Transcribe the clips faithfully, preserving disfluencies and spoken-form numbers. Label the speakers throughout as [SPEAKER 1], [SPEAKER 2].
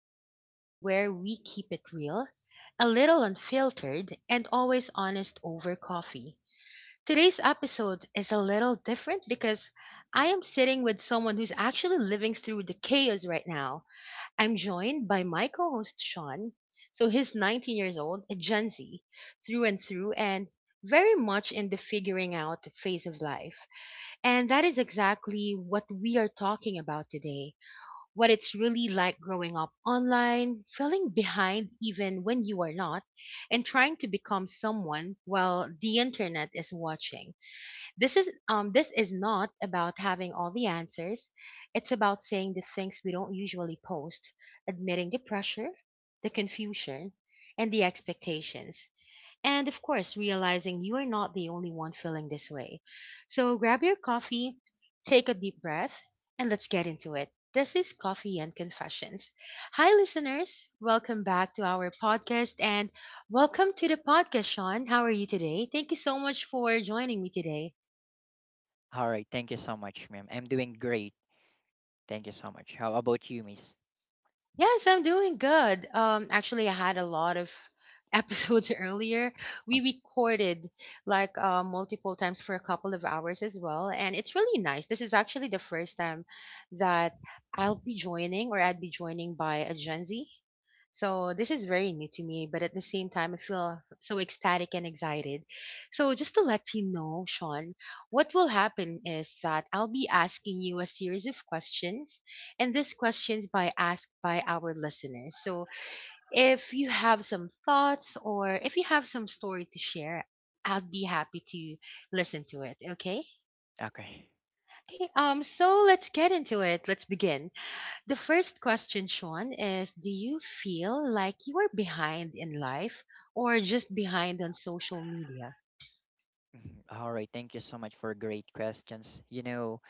[SPEAKER 1] the podcast where we keep it real, a little unfiltered, and always honest over coffee. Today's episode is a little different because I am sitting with someone who's actually living through the chaos right now. I'm joined by my co host Sean. So he's nineteen years old, a Gen Z, through and through, and very much in the figuring out phase of life. And that is exactly what we are talking about today. What it's really like growing up online, feeling behind even when you are not, and trying to become someone while the internet is watching. This is um this is not about having all the answers. It's about saying the things we don't usually post, admitting the pressure, the confusion, and the expectations and of course, realizing you are not the only one feeling this way. So grab your coffee, take a deep breath, and let's get into it. This is Coffee and Confessions. Hi, listeners. Welcome back to our podcast and welcome to the podcast, Sean. How are you today? Thank you so much for joining me today.
[SPEAKER 2] All right. Thank you so much, ma'am. I'm doing great. Thank you so much. How about you, miss?
[SPEAKER 1] Yes, I'm doing good. Um, actually, I had a lot of episodes earlier.
[SPEAKER 2] Oh,
[SPEAKER 1] We recorded like uh, multiple times for a couple of hours as well, and it's really nice. This is actually the first time that I'll be joining, or I'd be joining by a Gen Z. So this is very new to me, but at the same time, I feel so ecstatic and excited. So just to let you know, Sean, what will happen is that I'll be asking you a series of questions and these questions by asked by our listeners. So if you have some thoughts or if you have some story to share, I'd be happy to listen to it. Okay.
[SPEAKER 2] okay.
[SPEAKER 1] Okay. Um. So let's get into it. Let's begin. The first question, Sean, is: Do you feel like you are behind in life, or just behind on social media?
[SPEAKER 2] Mhm. All right. Thank you so much for great questions. You know,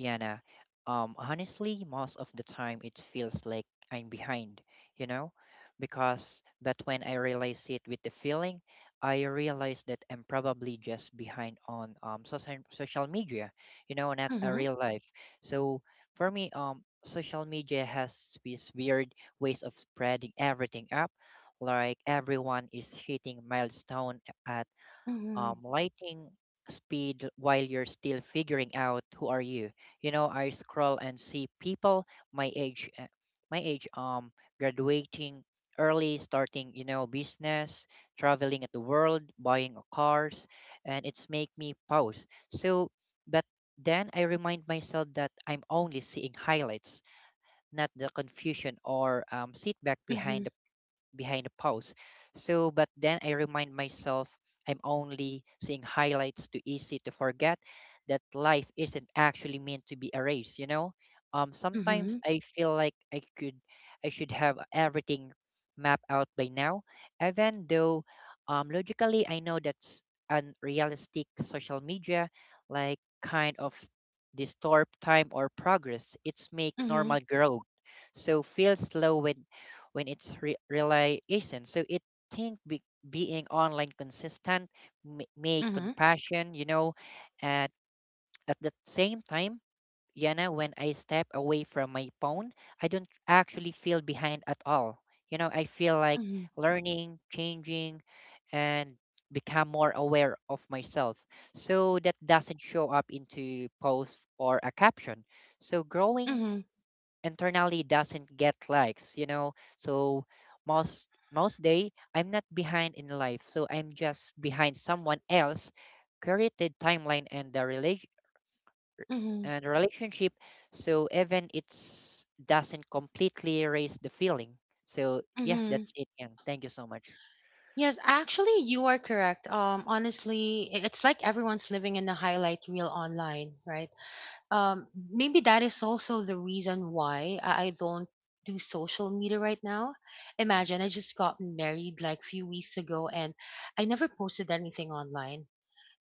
[SPEAKER 2] Yana. Um, honestly, most of the time it feels like I'm behind, you know, because but when I realize it with the feeling, I realize that I'm probably just behind on um social social media, you know, not a
[SPEAKER 1] Mm-hmm.
[SPEAKER 2] real life. So for me, um, social media has these weird ways of spreading everything up, like everyone is hitting milestone at
[SPEAKER 1] Mm-hmm.
[SPEAKER 2] um, lighting speed while you're still figuring out who are you. You know, I scroll and see people my age, uh, my age, um, graduating early, starting you know business, traveling at the world, buying a cars, and it's make me pause. So, but then I remind myself that I'm only seeing highlights, not the confusion or um, sit back
[SPEAKER 1] Mm-hmm.
[SPEAKER 2] behind behind a post. So, but then I remind myself I'm only seeing highlights too easy to forget that life isn't actually meant to be a race, you know? Um, sometimes
[SPEAKER 1] Mm-hmm.
[SPEAKER 2] I feel like I could, I should have everything mapped out by now, even though um, logically I know that's unrealistic social media, like kind of distort time or progress. It's make
[SPEAKER 1] Mm-hmm.
[SPEAKER 2] normal growth. So feel slow when when it's re- not So it think be- being online consistent may, may
[SPEAKER 1] Mm-hmm.
[SPEAKER 2] compassion, you know, at at the same time, Yana, when I step away from my phone, I don't actually feel behind at all. You know, I feel like
[SPEAKER 1] Mm-hmm.
[SPEAKER 2] learning, changing, and become more aware of myself. So that doesn't show up into posts or a caption. So growing internally doesn't get likes you know so most most day I'm not behind in life, so I'm just behind someone else created timeline and the relation
[SPEAKER 1] Mm-hmm.
[SPEAKER 2] and relationship, so even it's doesn't completely erase the feeling. So yeah,
[SPEAKER 1] Mm-hmm.
[SPEAKER 2] that's it, and thank you so much.
[SPEAKER 1] Yes, actually, you are correct. Um, honestly, i- it's like everyone's living in a highlight reel online, right? Um, maybe that is also the reason why I I don't do social media right now.
[SPEAKER 2] Mm,
[SPEAKER 1] Imagine I just got married like a few weeks ago, and I never posted anything online.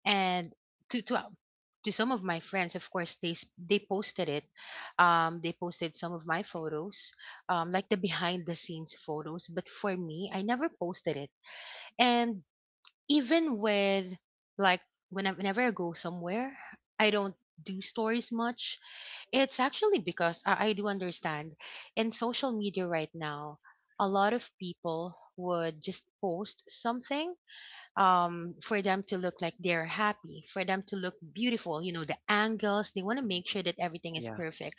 [SPEAKER 1] And to to uh, to some of my friends, of course, they s- they posted it. Um, they posted some of my photos, um, like the behind the scenes photos. But for me, I never posted it, and even with like when whenever I go somewhere, I don't do stories much. It's actually because I, I do understand in social media right now, a lot of people would just post something um, for them to look like they're happy, for them to look beautiful. You know, the angles, they want to
[SPEAKER 2] mm,
[SPEAKER 1] make
[SPEAKER 2] mm.
[SPEAKER 1] sure that everything is
[SPEAKER 2] Yeah,
[SPEAKER 1] perfect.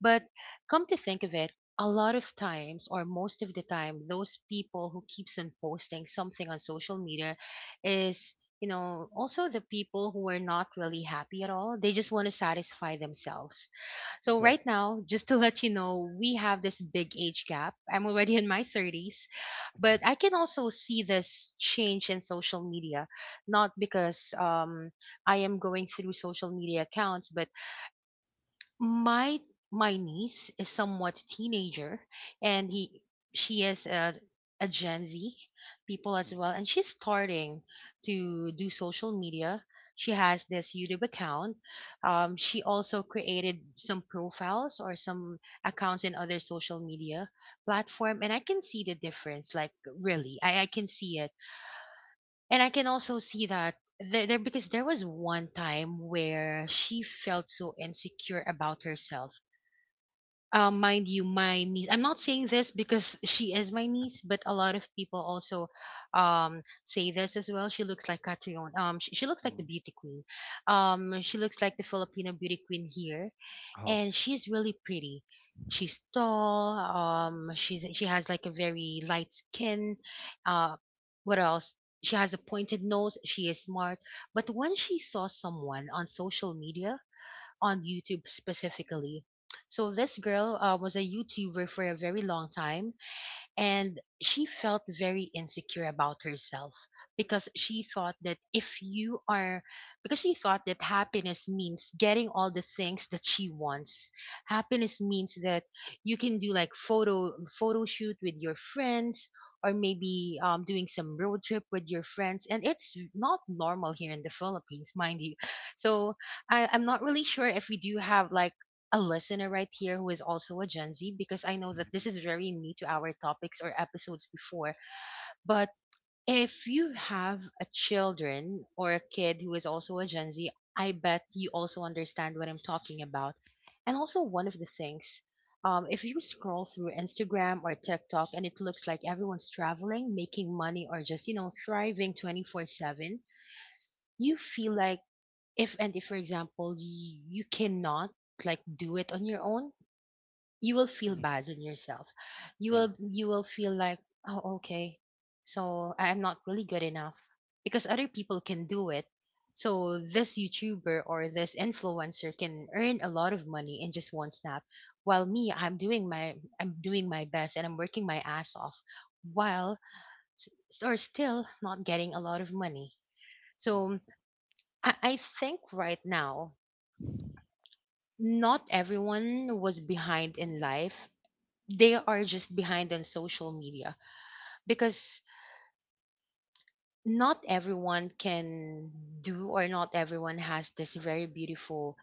[SPEAKER 1] But come to think of it, a lot of times or most of the time, those people who keeps on posting something on social media is, you know, also the people who are not really happy at all. They just want to satisfy themselves. So
[SPEAKER 2] yeah.
[SPEAKER 1] right now, just to let you know, we have this big age gap. I'm already in my thirties, but I can also see this change in social media, not because um, I am going through social media accounts, but my my niece is somewhat teenager and he she is a, a gen z people
[SPEAKER 2] Mm,
[SPEAKER 1] as well and she's starting to do social media. She has this youtube account. Um, she also created some profiles or some accounts in other social media platform and I can see the difference. Like really i, I can see it, and I can also see that there, there because there was one time where she felt so insecure about herself. Um, mind you, my niece. I'm not saying this because she is my niece, but a lot of people also um, say this as well. She looks like Catriona. Um, she, she looks
[SPEAKER 2] mm,
[SPEAKER 1] like
[SPEAKER 2] mm.
[SPEAKER 1] the beauty queen. Um, she looks like the Filipino beauty queen here,
[SPEAKER 2] Oh,
[SPEAKER 1] and she's really pretty. She's tall. Um, she's she has like a very light skin. Uh, what else? She has a pointed nose. She is smart. But when she saw someone on social media, on YouTube specifically. So this girl uh, was a YouTuber for a very long time, and she felt very insecure about herself because she thought that if you are because she thought that happiness means getting all the things that she wants. Happiness means that you can do like photo photo shoot with your friends, or maybe um, doing some road trip with your friends, and it's not normal here in the Philippines, mind you. So I, I'm not really sure if we do have like a listener right here who is also a Gen Z, because I know that this is very new to our topics or episodes before. But if you have a children or a kid who is also a Gen Z, I bet you also understand what I'm talking about. And also one of the things, um, if you scroll through Instagram or TikTok and it looks like everyone's traveling, making money, or just you know thriving twenty-four seven, you feel like if and if, for example, you, you cannot like do it on your own, you will feel
[SPEAKER 2] mm,
[SPEAKER 1] bad on yourself. You
[SPEAKER 2] yeah.
[SPEAKER 1] will you will feel like, oh okay, so I am not really good enough because other people can do it. So this youtuber or this influencer can earn a lot of money in just one snap, while me, i'm doing my I'm doing my best and I'm working my ass off, while s- or still not getting a lot of money.
[SPEAKER 2] Mm,
[SPEAKER 1] So i, I think right now not everyone was behind in life, they are just behind on social media, because not everyone can do, or not everyone has this very beautiful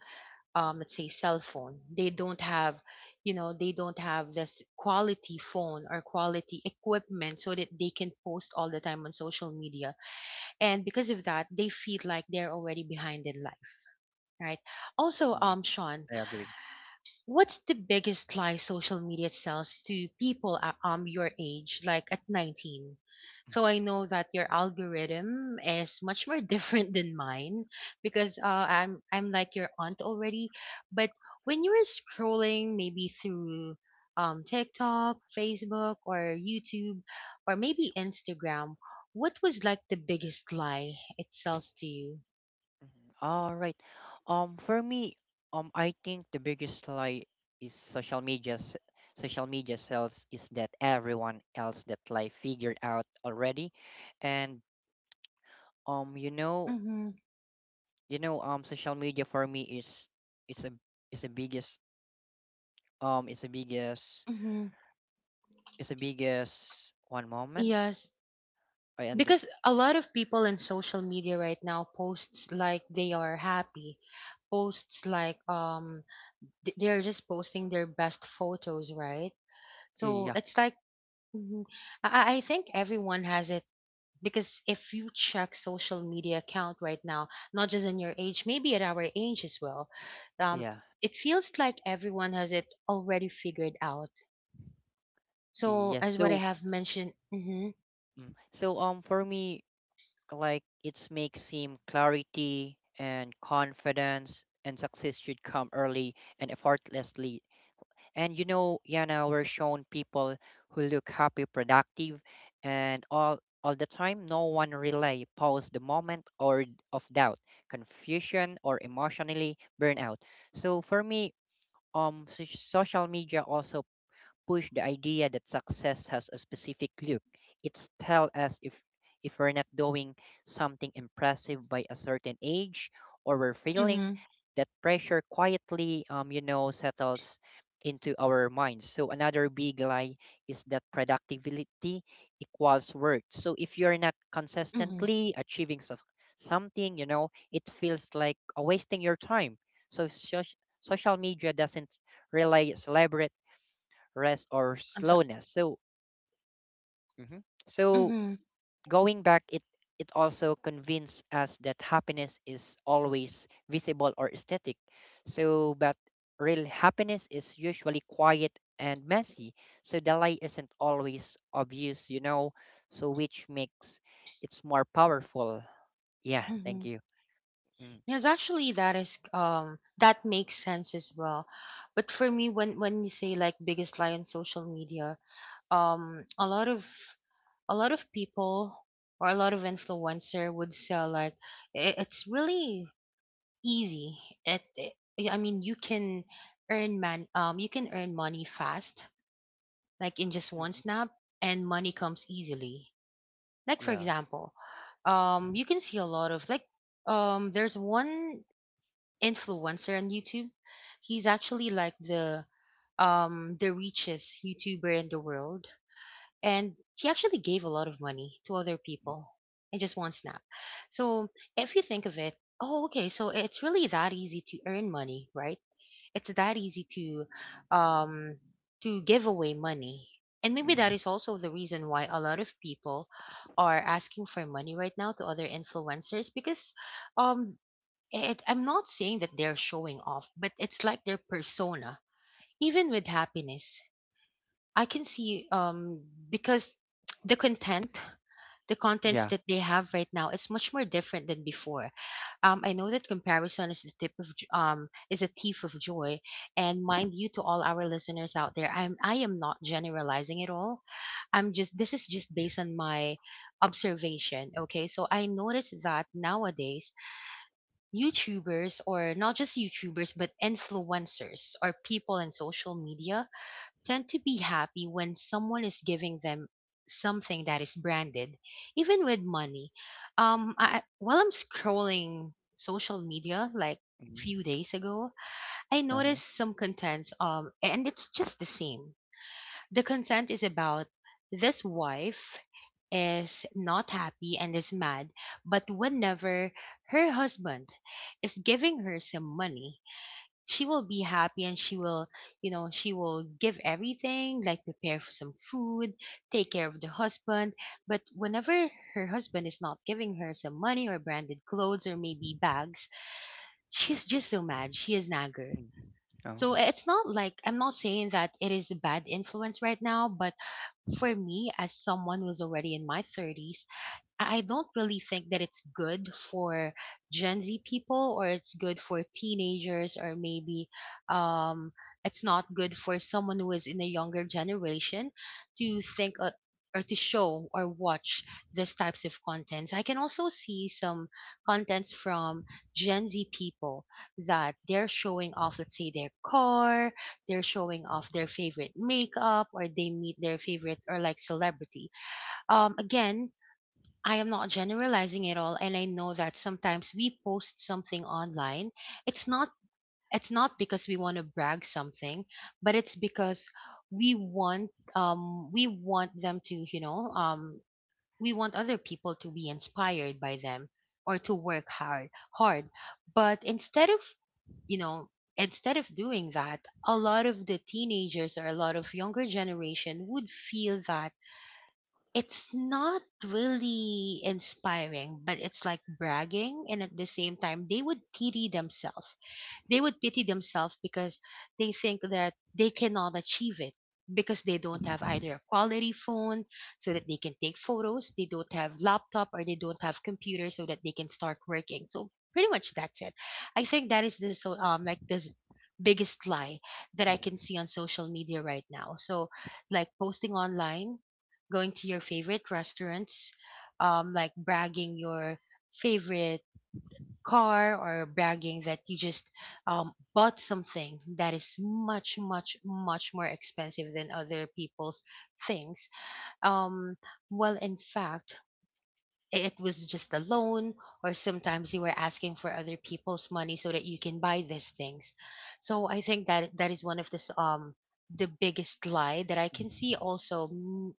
[SPEAKER 1] um let's say cell phone. They don't have, you know, they don't have this quality phone or quality equipment so that they can post all the time on social media, and because of that they feel like they're already behind in life, right? Also
[SPEAKER 2] mm,
[SPEAKER 1] um Sean,
[SPEAKER 2] I agree.
[SPEAKER 1] what's the biggest lie social media sells to people at um your age, like at nineteen? So I know that your algorithm is much more different than mine because uh, I'm I'm like your aunt already. But when you were scrolling maybe through um TikTok, Facebook, or YouTube, or maybe Instagram, what was like the biggest lie it sells to you?
[SPEAKER 2] Mhm. All right. Um, for me, um, I think the biggest lie is social media. s- Social media sells is that everyone else that life figured out already, and um, you know,
[SPEAKER 1] Mm-hmm.
[SPEAKER 2] you know, um, social media for me is it's a it's a biggest um it's a biggest
[SPEAKER 1] Mm-hmm.
[SPEAKER 2] it's a biggest one moment.
[SPEAKER 1] Yes,
[SPEAKER 2] I under
[SPEAKER 1] because a lot of people in social media right now posts like they are happy, posts like um th- they're just posting their best photos, right?
[SPEAKER 2] eh,
[SPEAKER 1] So
[SPEAKER 2] yeah
[SPEAKER 1] it's like mhm. I I I think everyone has it, because if you check social media account right now, not just in your age maybe at our age as well, um,
[SPEAKER 2] yeah
[SPEAKER 1] it feels like everyone has it already figured out. So
[SPEAKER 2] yes.
[SPEAKER 1] as what I
[SPEAKER 2] So
[SPEAKER 1] have mentioned hmm.
[SPEAKER 2] mm, so um for me like it's makes seem clarity and confidence and success should come early and effortlessly, and you know Yana, we're shown people who look happy productive and all all the time, no one relay pause the moment or d- of doubt, confusion or emotionally burnout. So for me, um soc- social media also push the idea that success has a specific look. It's tell us if if we're not doing something impressive by a certain age or we're failing,
[SPEAKER 1] Hmm.
[SPEAKER 2] that pressure quietly um you know settles into our minds. So another big lie is that productivity equals worth. So if you're not
[SPEAKER 1] Hmm.
[SPEAKER 2] consistently achieving suc- something, you know, it feels like uh, wasting your time. So soc- Social media doesn't really celebrate rest or
[SPEAKER 1] I'm sorry.
[SPEAKER 2] slowness. So, mhm, so
[SPEAKER 1] Hmm.
[SPEAKER 2] going back, it it also convinces us that happiness is always visible or aesthetic. So, but real happiness is usually quiet and messy. So the light isn't always obvious, you know. So which makes it's more powerful. Yeah, thank
[SPEAKER 1] Hmm.
[SPEAKER 2] you. Mm,
[SPEAKER 1] Yes, actually that is um that makes sense as well. But for me when when you say like biggest lie on social media, um, a lot of a lot of people or a lot of influencer would sell like, i- it's really easy. It, it I mean you can earn man um you can earn money fast, like in just one
[SPEAKER 2] mhm.
[SPEAKER 1] snap, and money comes easily. Like for
[SPEAKER 2] Yeah.
[SPEAKER 1] example, um, you can see a lot of like um there's one influencer on YouTube. He's actually like the um the richest YouTuber in the world. And he actually gave a lot of money to other people in just one snap. So if you think of it, oh okay, so it's really that easy to earn money, right? It's that easy to um to give away money. And maybe that
[SPEAKER 2] Mm,
[SPEAKER 1] is also the reason why a lot of people are asking for money right now to other influencers because um it, I'm not saying that they're showing off, but it's like their persona. Even with happiness I can see um because the content the contents
[SPEAKER 2] yeah.
[SPEAKER 1] that they have right now it's much more different than before. Um, I know that comparison is the tip of j- um, is a thief of joy. And mind you, to all our listeners out there, i'm I am not generalizing at all. I'm just This is just based on my observation, okay? So I noticed that nowadays youtubers, or not just youtubers but influencers or people in social media, tend to be happy when someone is giving them something that is branded, even with money. Um, I, while I'm scrolling social media, like
[SPEAKER 2] Mm,
[SPEAKER 1] few days ago, I
[SPEAKER 2] uh-huh.
[SPEAKER 1] noticed some contents. Um, and it's just the same. The content is about this wife is not happy and is mad, but whenever her husband is giving her some money, she will be happy and she will, you know she will give everything, like prepare for some food, take care of the husband. But whenever her husband is not giving her some money or branded clothes or maybe bags, she's just so mad, she is nagger.
[SPEAKER 2] Mm, oh.
[SPEAKER 1] So eh, it's not like, I'm not saying that it is a bad influence right now, but for me, as someone who's already in my thirties, I I don't really think that it's good for Gen Z people, or it's good for teenagers, or maybe um, it's not good for someone who is in a younger generation to think, uh, or to show or watch these types of contents. I can also see some contents from Gen Z people that they're showing off, let's say, their car, they're showing off their favorite makeup, or they meet their favorite or like celebrity. Um again, I am not generalizing at all, and I know that sometimes we post something online. It's not it's not because we want to brag something, but it's because we want, um we want them to, you know um we want other people to be inspired by them, or to work hard hard. But instead of, you know instead of doing that, a lot of the teenagers or a lot of younger generation would feel that it's not really inspiring, but it's like bragging, and at the same time, they would pity themselves, they would pity themselves because they think that they cannot achieve it because they don't
[SPEAKER 2] Mhm,
[SPEAKER 1] have
[SPEAKER 2] mhm,
[SPEAKER 1] either a quality phone so that they can take photos, they don't have laptop or they don't have computer so that they can start working. So pretty much that's it. I think that is the so um like the s- biggest lie that I can
[SPEAKER 2] mhm,
[SPEAKER 1] see on social media right now. So, like posting online, going to your favorite restaurants, um like bragging your favorite car, or bragging that you just um, bought something that is much much much more expensive than other people's things. um, well, in fact, i- it was just a loan, or sometimes you were asking for other people's money so that you can buy these things. So I think that that is one of the s- um the biggest lie that I can see also. Mm,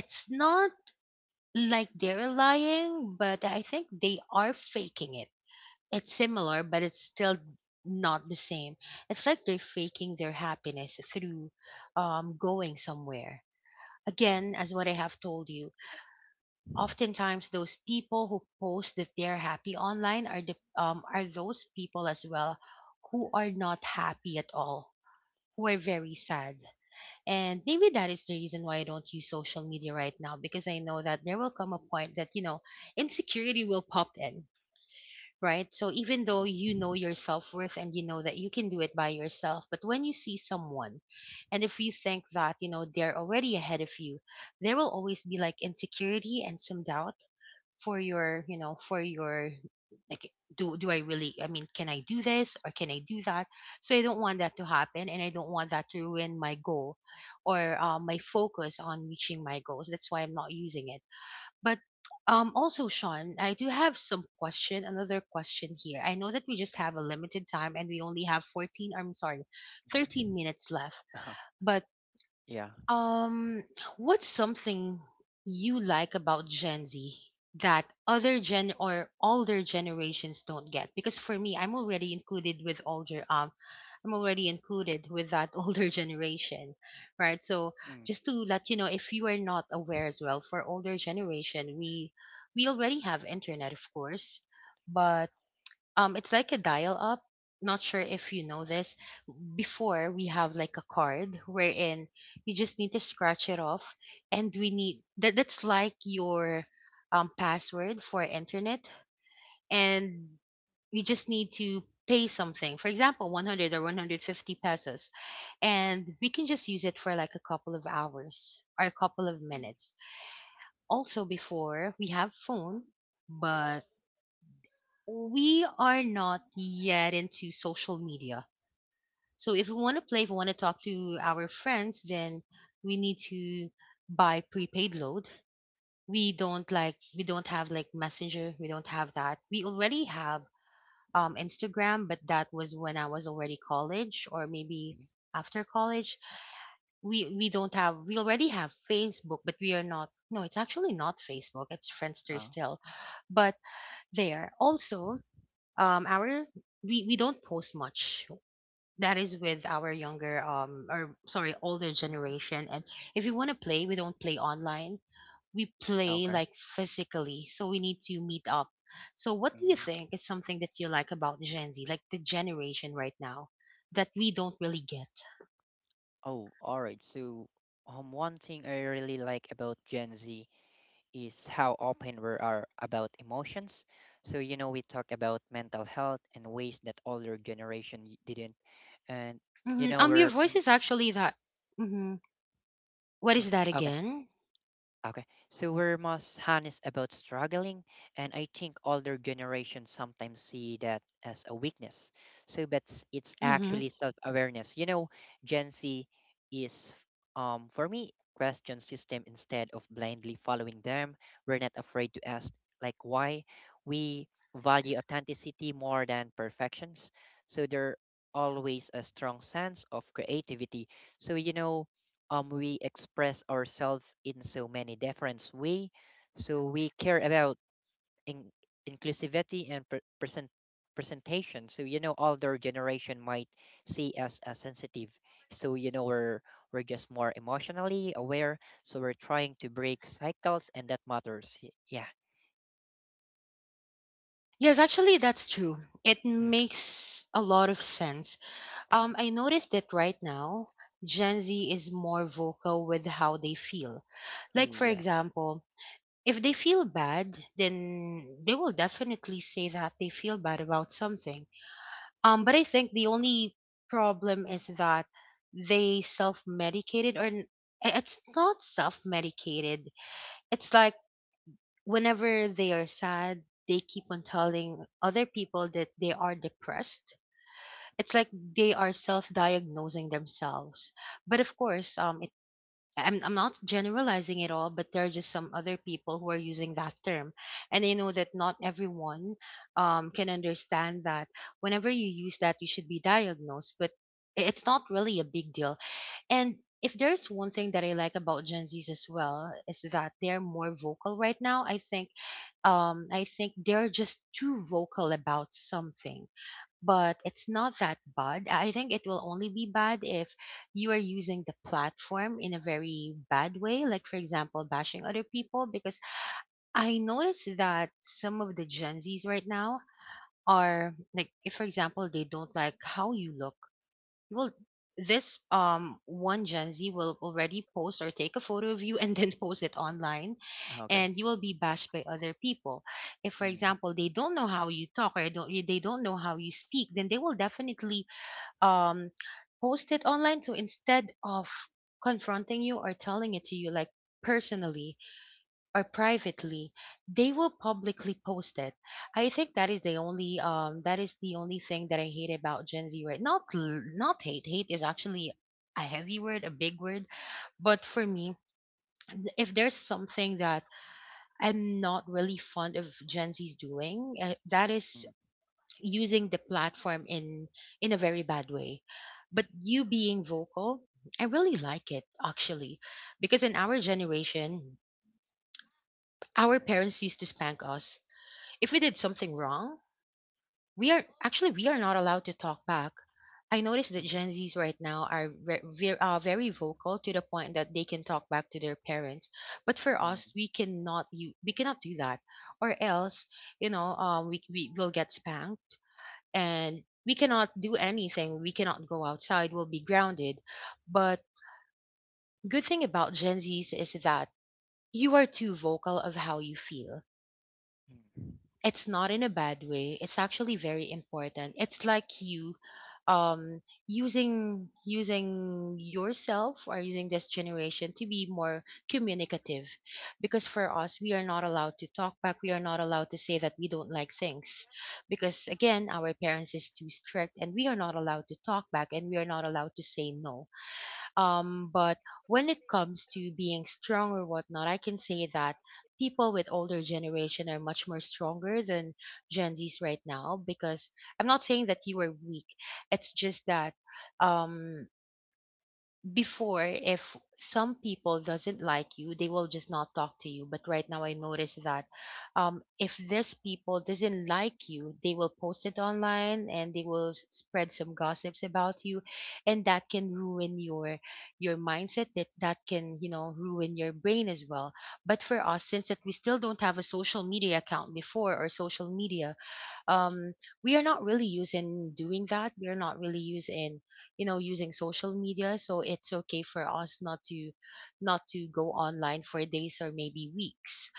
[SPEAKER 1] it's not like they're lying, but I think they are faking it. It's similar, but it's still not the same. It's like they're faking their happiness through, um, going somewhere. Again,
[SPEAKER 2] mhm,
[SPEAKER 1] as what I have told you, oftentimes those people who post that they're happy online are the um, are those people as well who are not happy at all, who are very sad. And maybe that is the reason why I don't use social media right now, because I know that there will come a point that, you know, insecurity will pop in, right? So even though you
[SPEAKER 2] mhm.
[SPEAKER 1] know your self worth and you know that you can do it by yourself, but when you see someone, and if you think that, you know, they're already ahead of you, there will always be like insecurity and some doubt for your, you know for your like, do do I really, I mean, can I do this or can I do that? So I don't want that to happen, and I don't want that to ruin my goal, or uh, my focus on reaching my goals. That's why I'm not using it. But um, also, Sean, I do have some question, another question here. I know that we just have a limited time and we only have fourteen, I'm sorry,
[SPEAKER 2] Mhm.
[SPEAKER 1] thirteen minutes
[SPEAKER 2] Uh-huh.
[SPEAKER 1] left. But
[SPEAKER 2] Yeah.
[SPEAKER 1] um, what's something you like about Gen Z that other gen or older generations don't get? Because for me, I'm already included with older um I'm already included with that older generation, right? So
[SPEAKER 2] Mm-hmm.
[SPEAKER 1] just to let you know, if you are not aware as well, for older generation, we we already have internet, of course, but um, it's like a dial up. Not sure if you know this. Before, we have like a card wherein you just need to scratch it off, and we need that. That's like your um, password for internet, and we just need to pay something. For example, one hundred or one hundred fifty pesos, and we can just use it for like a couple of hours or a couple of minutes. Also, before we have phone, but we are not yet into social media. So if we want to play, if we want to talk to our friends, then we need to buy prepaid load. We don't like we don't have like Messenger. We don't have that. We already have um Instagram, but that was when I was already college, or maybe after college. We we don't have we already have Facebook, but we are not, no, it's actually not Facebook. It's Friendster
[SPEAKER 2] Oh.
[SPEAKER 1] still. But there also um our we, we don't post much. That is with our younger um or sorry older
[SPEAKER 2] Mhm.
[SPEAKER 1] generation. And if we want to play, we don't play online, we play
[SPEAKER 2] Okay.
[SPEAKER 1] like physically, so we need to meet up. So what do you
[SPEAKER 2] Mm.
[SPEAKER 1] think is something that you like about Gen Z, like the generation right now, that we don't really get?
[SPEAKER 2] Oh, all right. So, um, one thing I really like about Gen Z is how open we are about emotions. So, you know, we talk about mental health in ways that older generation y- didn't, and you
[SPEAKER 1] Mhm.
[SPEAKER 2] know,
[SPEAKER 1] Um your
[SPEAKER 2] we're
[SPEAKER 1] voice is actually that, hmm, what
[SPEAKER 2] mm,
[SPEAKER 1] is that
[SPEAKER 2] okay.
[SPEAKER 1] again?
[SPEAKER 2] Okay, so we're most honest about struggling, and I think older generations sometimes see that as a weakness. So, but s- it's
[SPEAKER 1] Hmm.
[SPEAKER 2] actually self-awareness. You know, Gen Z is, um, for me, question system instead of blindly following them. We're not afraid to ask, like, why we value authenticity more than perfections. So there always a strong sense of creativity. So you know um, we express ourselves in so many different way. So we care about in- inclusivity and pre- present presentation. So you know, older generation might see us as sensitive. So you know, we're we're just more emotionally aware. So we're trying to break cycles, and that matters. Y- Yeah.
[SPEAKER 1] Yes, actually that's true. It
[SPEAKER 2] Mm.
[SPEAKER 1] makes a lot of sense. Um, I noticed that right now, Gen Z is more vocal with how they feel. Like, for
[SPEAKER 2] Yes.
[SPEAKER 1] example, if they feel bad, then they will definitely say that they feel bad about something. Um, but I think the only problem is that they self medicated, or n- i- it's not self medicated. It's like, whenever they are sad, they keep on telling other people that they are depressed. It's like they are self-diagnosing themselves. But of course, um, it, I'm I'm not generalizing it all, but there are just some other people who are using that term, and I know that not everyone um can understand that. Whenever you use that, you should be diagnosed, but i- it's not really a big deal. And if there's one thing that I like about Gen Zs as well, is that they're more vocal right now. I think um I think they're just too vocal about something, but it's not that bad. I think it will only be bad if you are using the platform in a very bad way, like, for example, bashing other people. Because I noticed that some of the Gen Zs right now are like, if, for example, they don't like how you look, well, this um one Gen Z will already post or take a photo of you and then post it online,
[SPEAKER 2] Okay.
[SPEAKER 1] and you will be bashed by other people. If, for
[SPEAKER 2] Mm,
[SPEAKER 1] example, they don't know how you talk, or don't they don't know how you speak, then they will definitely um post it online. So instead of confronting you or telling it to you like personally, or privately, they will publicly post it. I think that is the only um that is the only thing that I hate about Gen Z right, not l- not hate, hate is actually a heavy word, a big word. But for me, if there's something that I'm not really fond of Gen Z's doing, uh, that is
[SPEAKER 2] mm,
[SPEAKER 1] using the platform in in a very bad way. But you being vocal, I really like it actually, because in our generation, our parents used to spank us. If we did something wrong, we are actually we are not allowed to talk back. I noticed that
[SPEAKER 2] mhm,
[SPEAKER 1] Gen Zs right now are ve- ve- uh, very vocal to the point that they can talk back to their parents, but for
[SPEAKER 2] mm.
[SPEAKER 1] us, we cannot, you we cannot do that, or else, you know um, we we will get spanked, and we cannot do anything. We cannot go outside. We'll be grounded. But good thing about Gen Zs is that you are too vocal of how you feel.
[SPEAKER 2] Mm.
[SPEAKER 1] It's not in a bad way. It's actually very important. It's like you, um using using yourself, or using this generation to be more communicative, because for us, we are not allowed to talk back, we are not allowed to say that we don't like things, because again, our parents is too strict, and we are not allowed to talk back, and we are not allowed to say no. Um, but when it comes to being strong or whatnot, I can say that people with older generation are much more stronger than Gen Zs right now, because I'm not saying that you are weak. It's just that um, before, if some people doesn't like you, they will just not talk to you. But right now I notice that, um, if this people doesn't like you, they will post it online and they will s- spread some gossips about you, and that can ruin your your mindset. That that can you know ruin your brain as well. But for us, since that we still don't have a social media account before, or social media, um we are not really using doing that. We are not really using you know using social media, so it's okay for us not to not to go online for days or maybe weeks.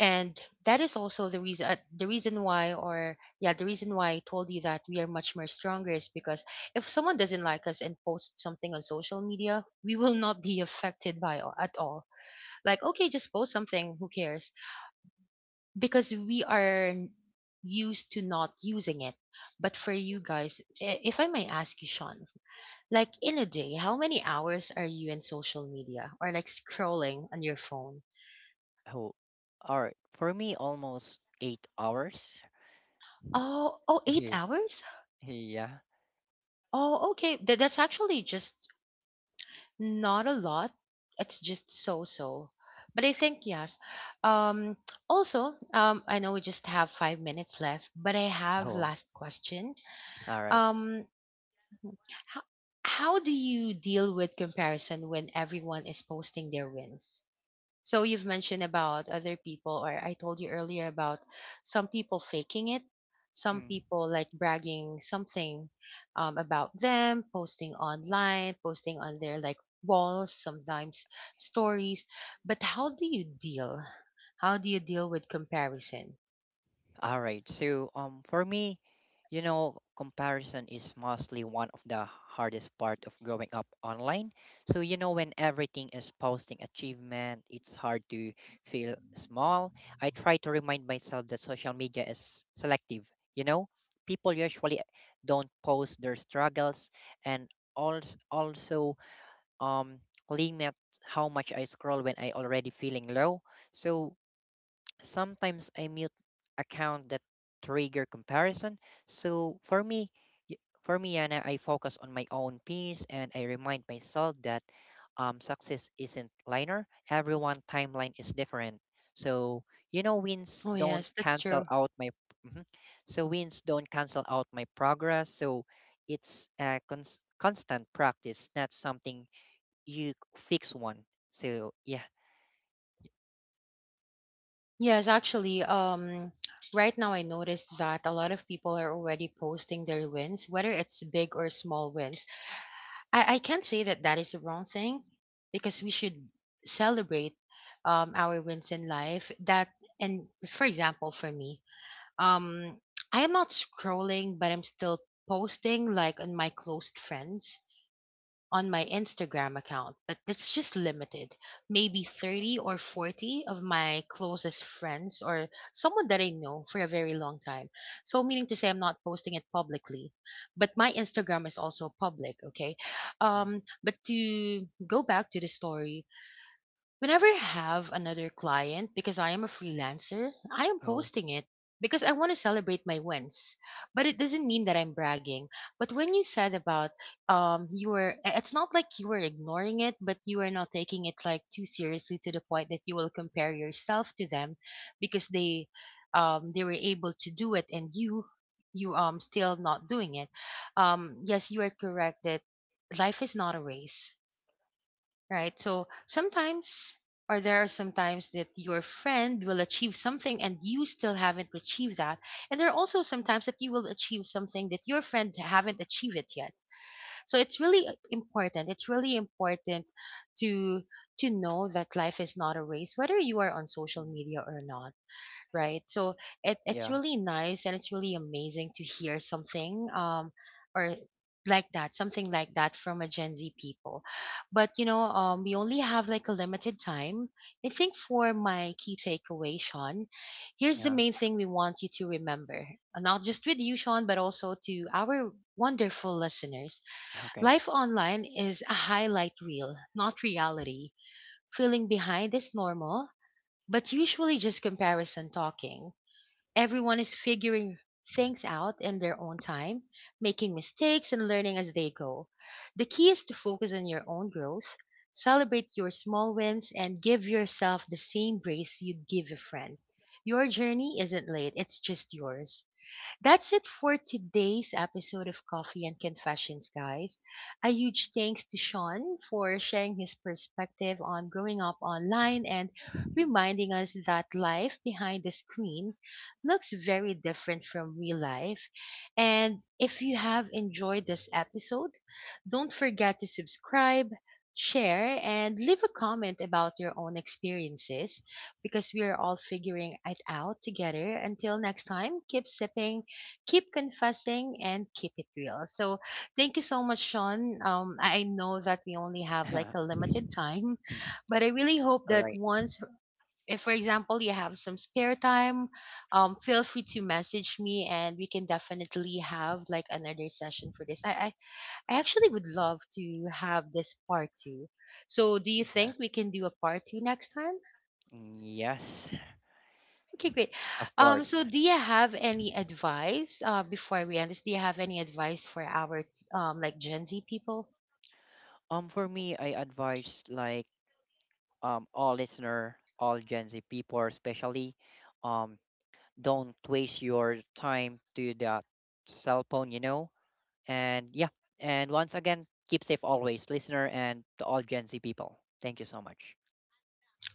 [SPEAKER 1] And that is also the reason, uh, the reason why or yeah the reason why I told you that we are much more stronger, is because if someone doesn't like us and posts something on social media, we will not be affected by a- at all. Like, okay, just post something, who cares, because we are used to not using it. But for you guys, i- if I may ask you, Sean, like in a day, how many hours are you in social media or like scrolling on your phone?
[SPEAKER 2] Oh, all right. For me, almost eight hours.
[SPEAKER 1] Oh, oh, eight hours?
[SPEAKER 2] Yeah.
[SPEAKER 1] Oh, okay. Th- that's actually just not a lot. It's just so so. But I think yes. Um, Also, um, I know we just have five minutes left, but I have
[SPEAKER 2] Oh,
[SPEAKER 1] last question.
[SPEAKER 2] all right.
[SPEAKER 1] Um, How, how do you deal with comparison when everyone is posting their wins? So you've mentioned about other people, or I told you earlier about some people faking it, some
[SPEAKER 2] Mm,
[SPEAKER 1] people like bragging something um, about them, posting online, posting on their like walls, sometimes stories. But how do you deal? How do you deal with comparison?
[SPEAKER 2] all right. So, um, for me, you know, comparison is mostly one of the hardest part of growing up online. So, you know, when everything is posting achievement, it's hard to feel small. I try to remind myself that social media is selective. You know, people usually don't post their struggles, and also also um limit how much I scroll when I already feeling low. So sometimes I mute account that trigger comparison. So for me, y- for me, Yana, I focus on my own peace and I remind myself that um, success isn't linear. Everyone timeline is different. So you know, wins
[SPEAKER 1] Oh
[SPEAKER 2] don't
[SPEAKER 1] yes, that's
[SPEAKER 2] cancel
[SPEAKER 1] true.
[SPEAKER 2] out my. Mhm. So wins don't cancel out my progress. So it's a cons- constant practice, not something you fix one. So yeah.
[SPEAKER 1] Yes, actually, um, right now I noticed that a lot of people are already posting their wins, whether it's big or small wins. I, I can't say that that is the wrong thing, because we
[SPEAKER 2] Mm,
[SPEAKER 1] should celebrate um, our wins in life. That, and for example, for me, um, I am not scrolling, but I'm still posting like on my closed friends, on my Instagram account, but that's just limited. Maybe thirty or forty of my closest friends or someone that I know for a very long time. So, meaning to say, I'm not posting it publicly, but my Instagram is also public, okay?
[SPEAKER 2] mm.
[SPEAKER 1] Um, but to go back to the story, whenever I have another client, because I am a freelancer, I am
[SPEAKER 2] Oh,
[SPEAKER 1] posting it because I want to celebrate my wins. But it doesn't mean that I'm bragging. But when you said about, um you were, i- it's not like you were ignoring it, but you are not taking it like too seriously to the point that you will compare yourself to them, because they um they were able to do it and you you um still not doing it. Um yes, you are correct that life is not a race. Right. So sometimes, or there are some times that your friend will achieve something and you still haven't achieved that. And there are also some times that you will achieve something that your friend haven't achieved it yet. So it's really important. It's really important to to know that life is not a race, whether you are on social
[SPEAKER 2] mm,
[SPEAKER 1] media or not, right? So it, it's
[SPEAKER 2] yeah,
[SPEAKER 1] really nice and it's really amazing to hear something um or like that, something like that from a Gen Z people. But you know, um we only have like a limited time. I think for my key takeaway, Sean, here's the
[SPEAKER 2] yeah.
[SPEAKER 1] main thing we want you to remember. Uh, not just with you, Sean, but also to our wonderful listeners:
[SPEAKER 2] Okay.
[SPEAKER 1] life online is a highlight reel, not reality. Feeling behind is normal, but usually just comparison talking. Everyone is figuring things out in their own time, making mistakes and learning as they go. The key is to focus on your own growth, celebrate your small wins, and give yourself the same grace you'd give a friend. Your journey isn't late, it's just yours. That's it for today's episode of Coffee and Confessions, guys. A huge thanks to Sean for sharing his perspective on growing up online and
[SPEAKER 2] Mm.
[SPEAKER 1] reminding us that life behind the screen looks very different from real life. And if you have enjoyed this episode, don't forget to subscribe. Share and leave a comment about your own experiences because we are all figuring it out together. Until next time, keep sipping, keep confessing, and keep it real. So thank you so much, Sean. Um, I I know that we only have like a limited time,
[SPEAKER 2] Mm.
[SPEAKER 1] but I really hope
[SPEAKER 2] All
[SPEAKER 1] that
[SPEAKER 2] right.
[SPEAKER 1] once, if for example you have some spare time, um, feel free to message me and we can definitely have like another session for this. I I, I actually would love to have this part two. So do you
[SPEAKER 2] Yeah.
[SPEAKER 1] think we can do a part two next time?
[SPEAKER 2] Mm, yes,
[SPEAKER 1] Okay, great.
[SPEAKER 2] of
[SPEAKER 1] Um,
[SPEAKER 2] course.
[SPEAKER 1] so do you have any advice, uh, before we end this, do you have any advice for our, um, like Gen Z people?
[SPEAKER 2] Um, for me, I advise like um all listener, all Gen Z people, especially, um, don't waste your time to that cell phone, you know. And yeah, and once again, keep safe always, listener, and to all Gen Z people. Thank you so much.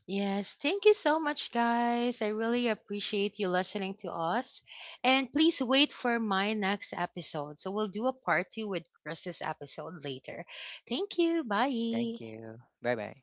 [SPEAKER 1] Yes, thank you so much, guys. I really appreciate you listening to us. And please wait for my next episode. So we'll do a part two with Chris's episode later. Thank you.
[SPEAKER 2] Thank
[SPEAKER 1] Bye.
[SPEAKER 2] you. Bye bye.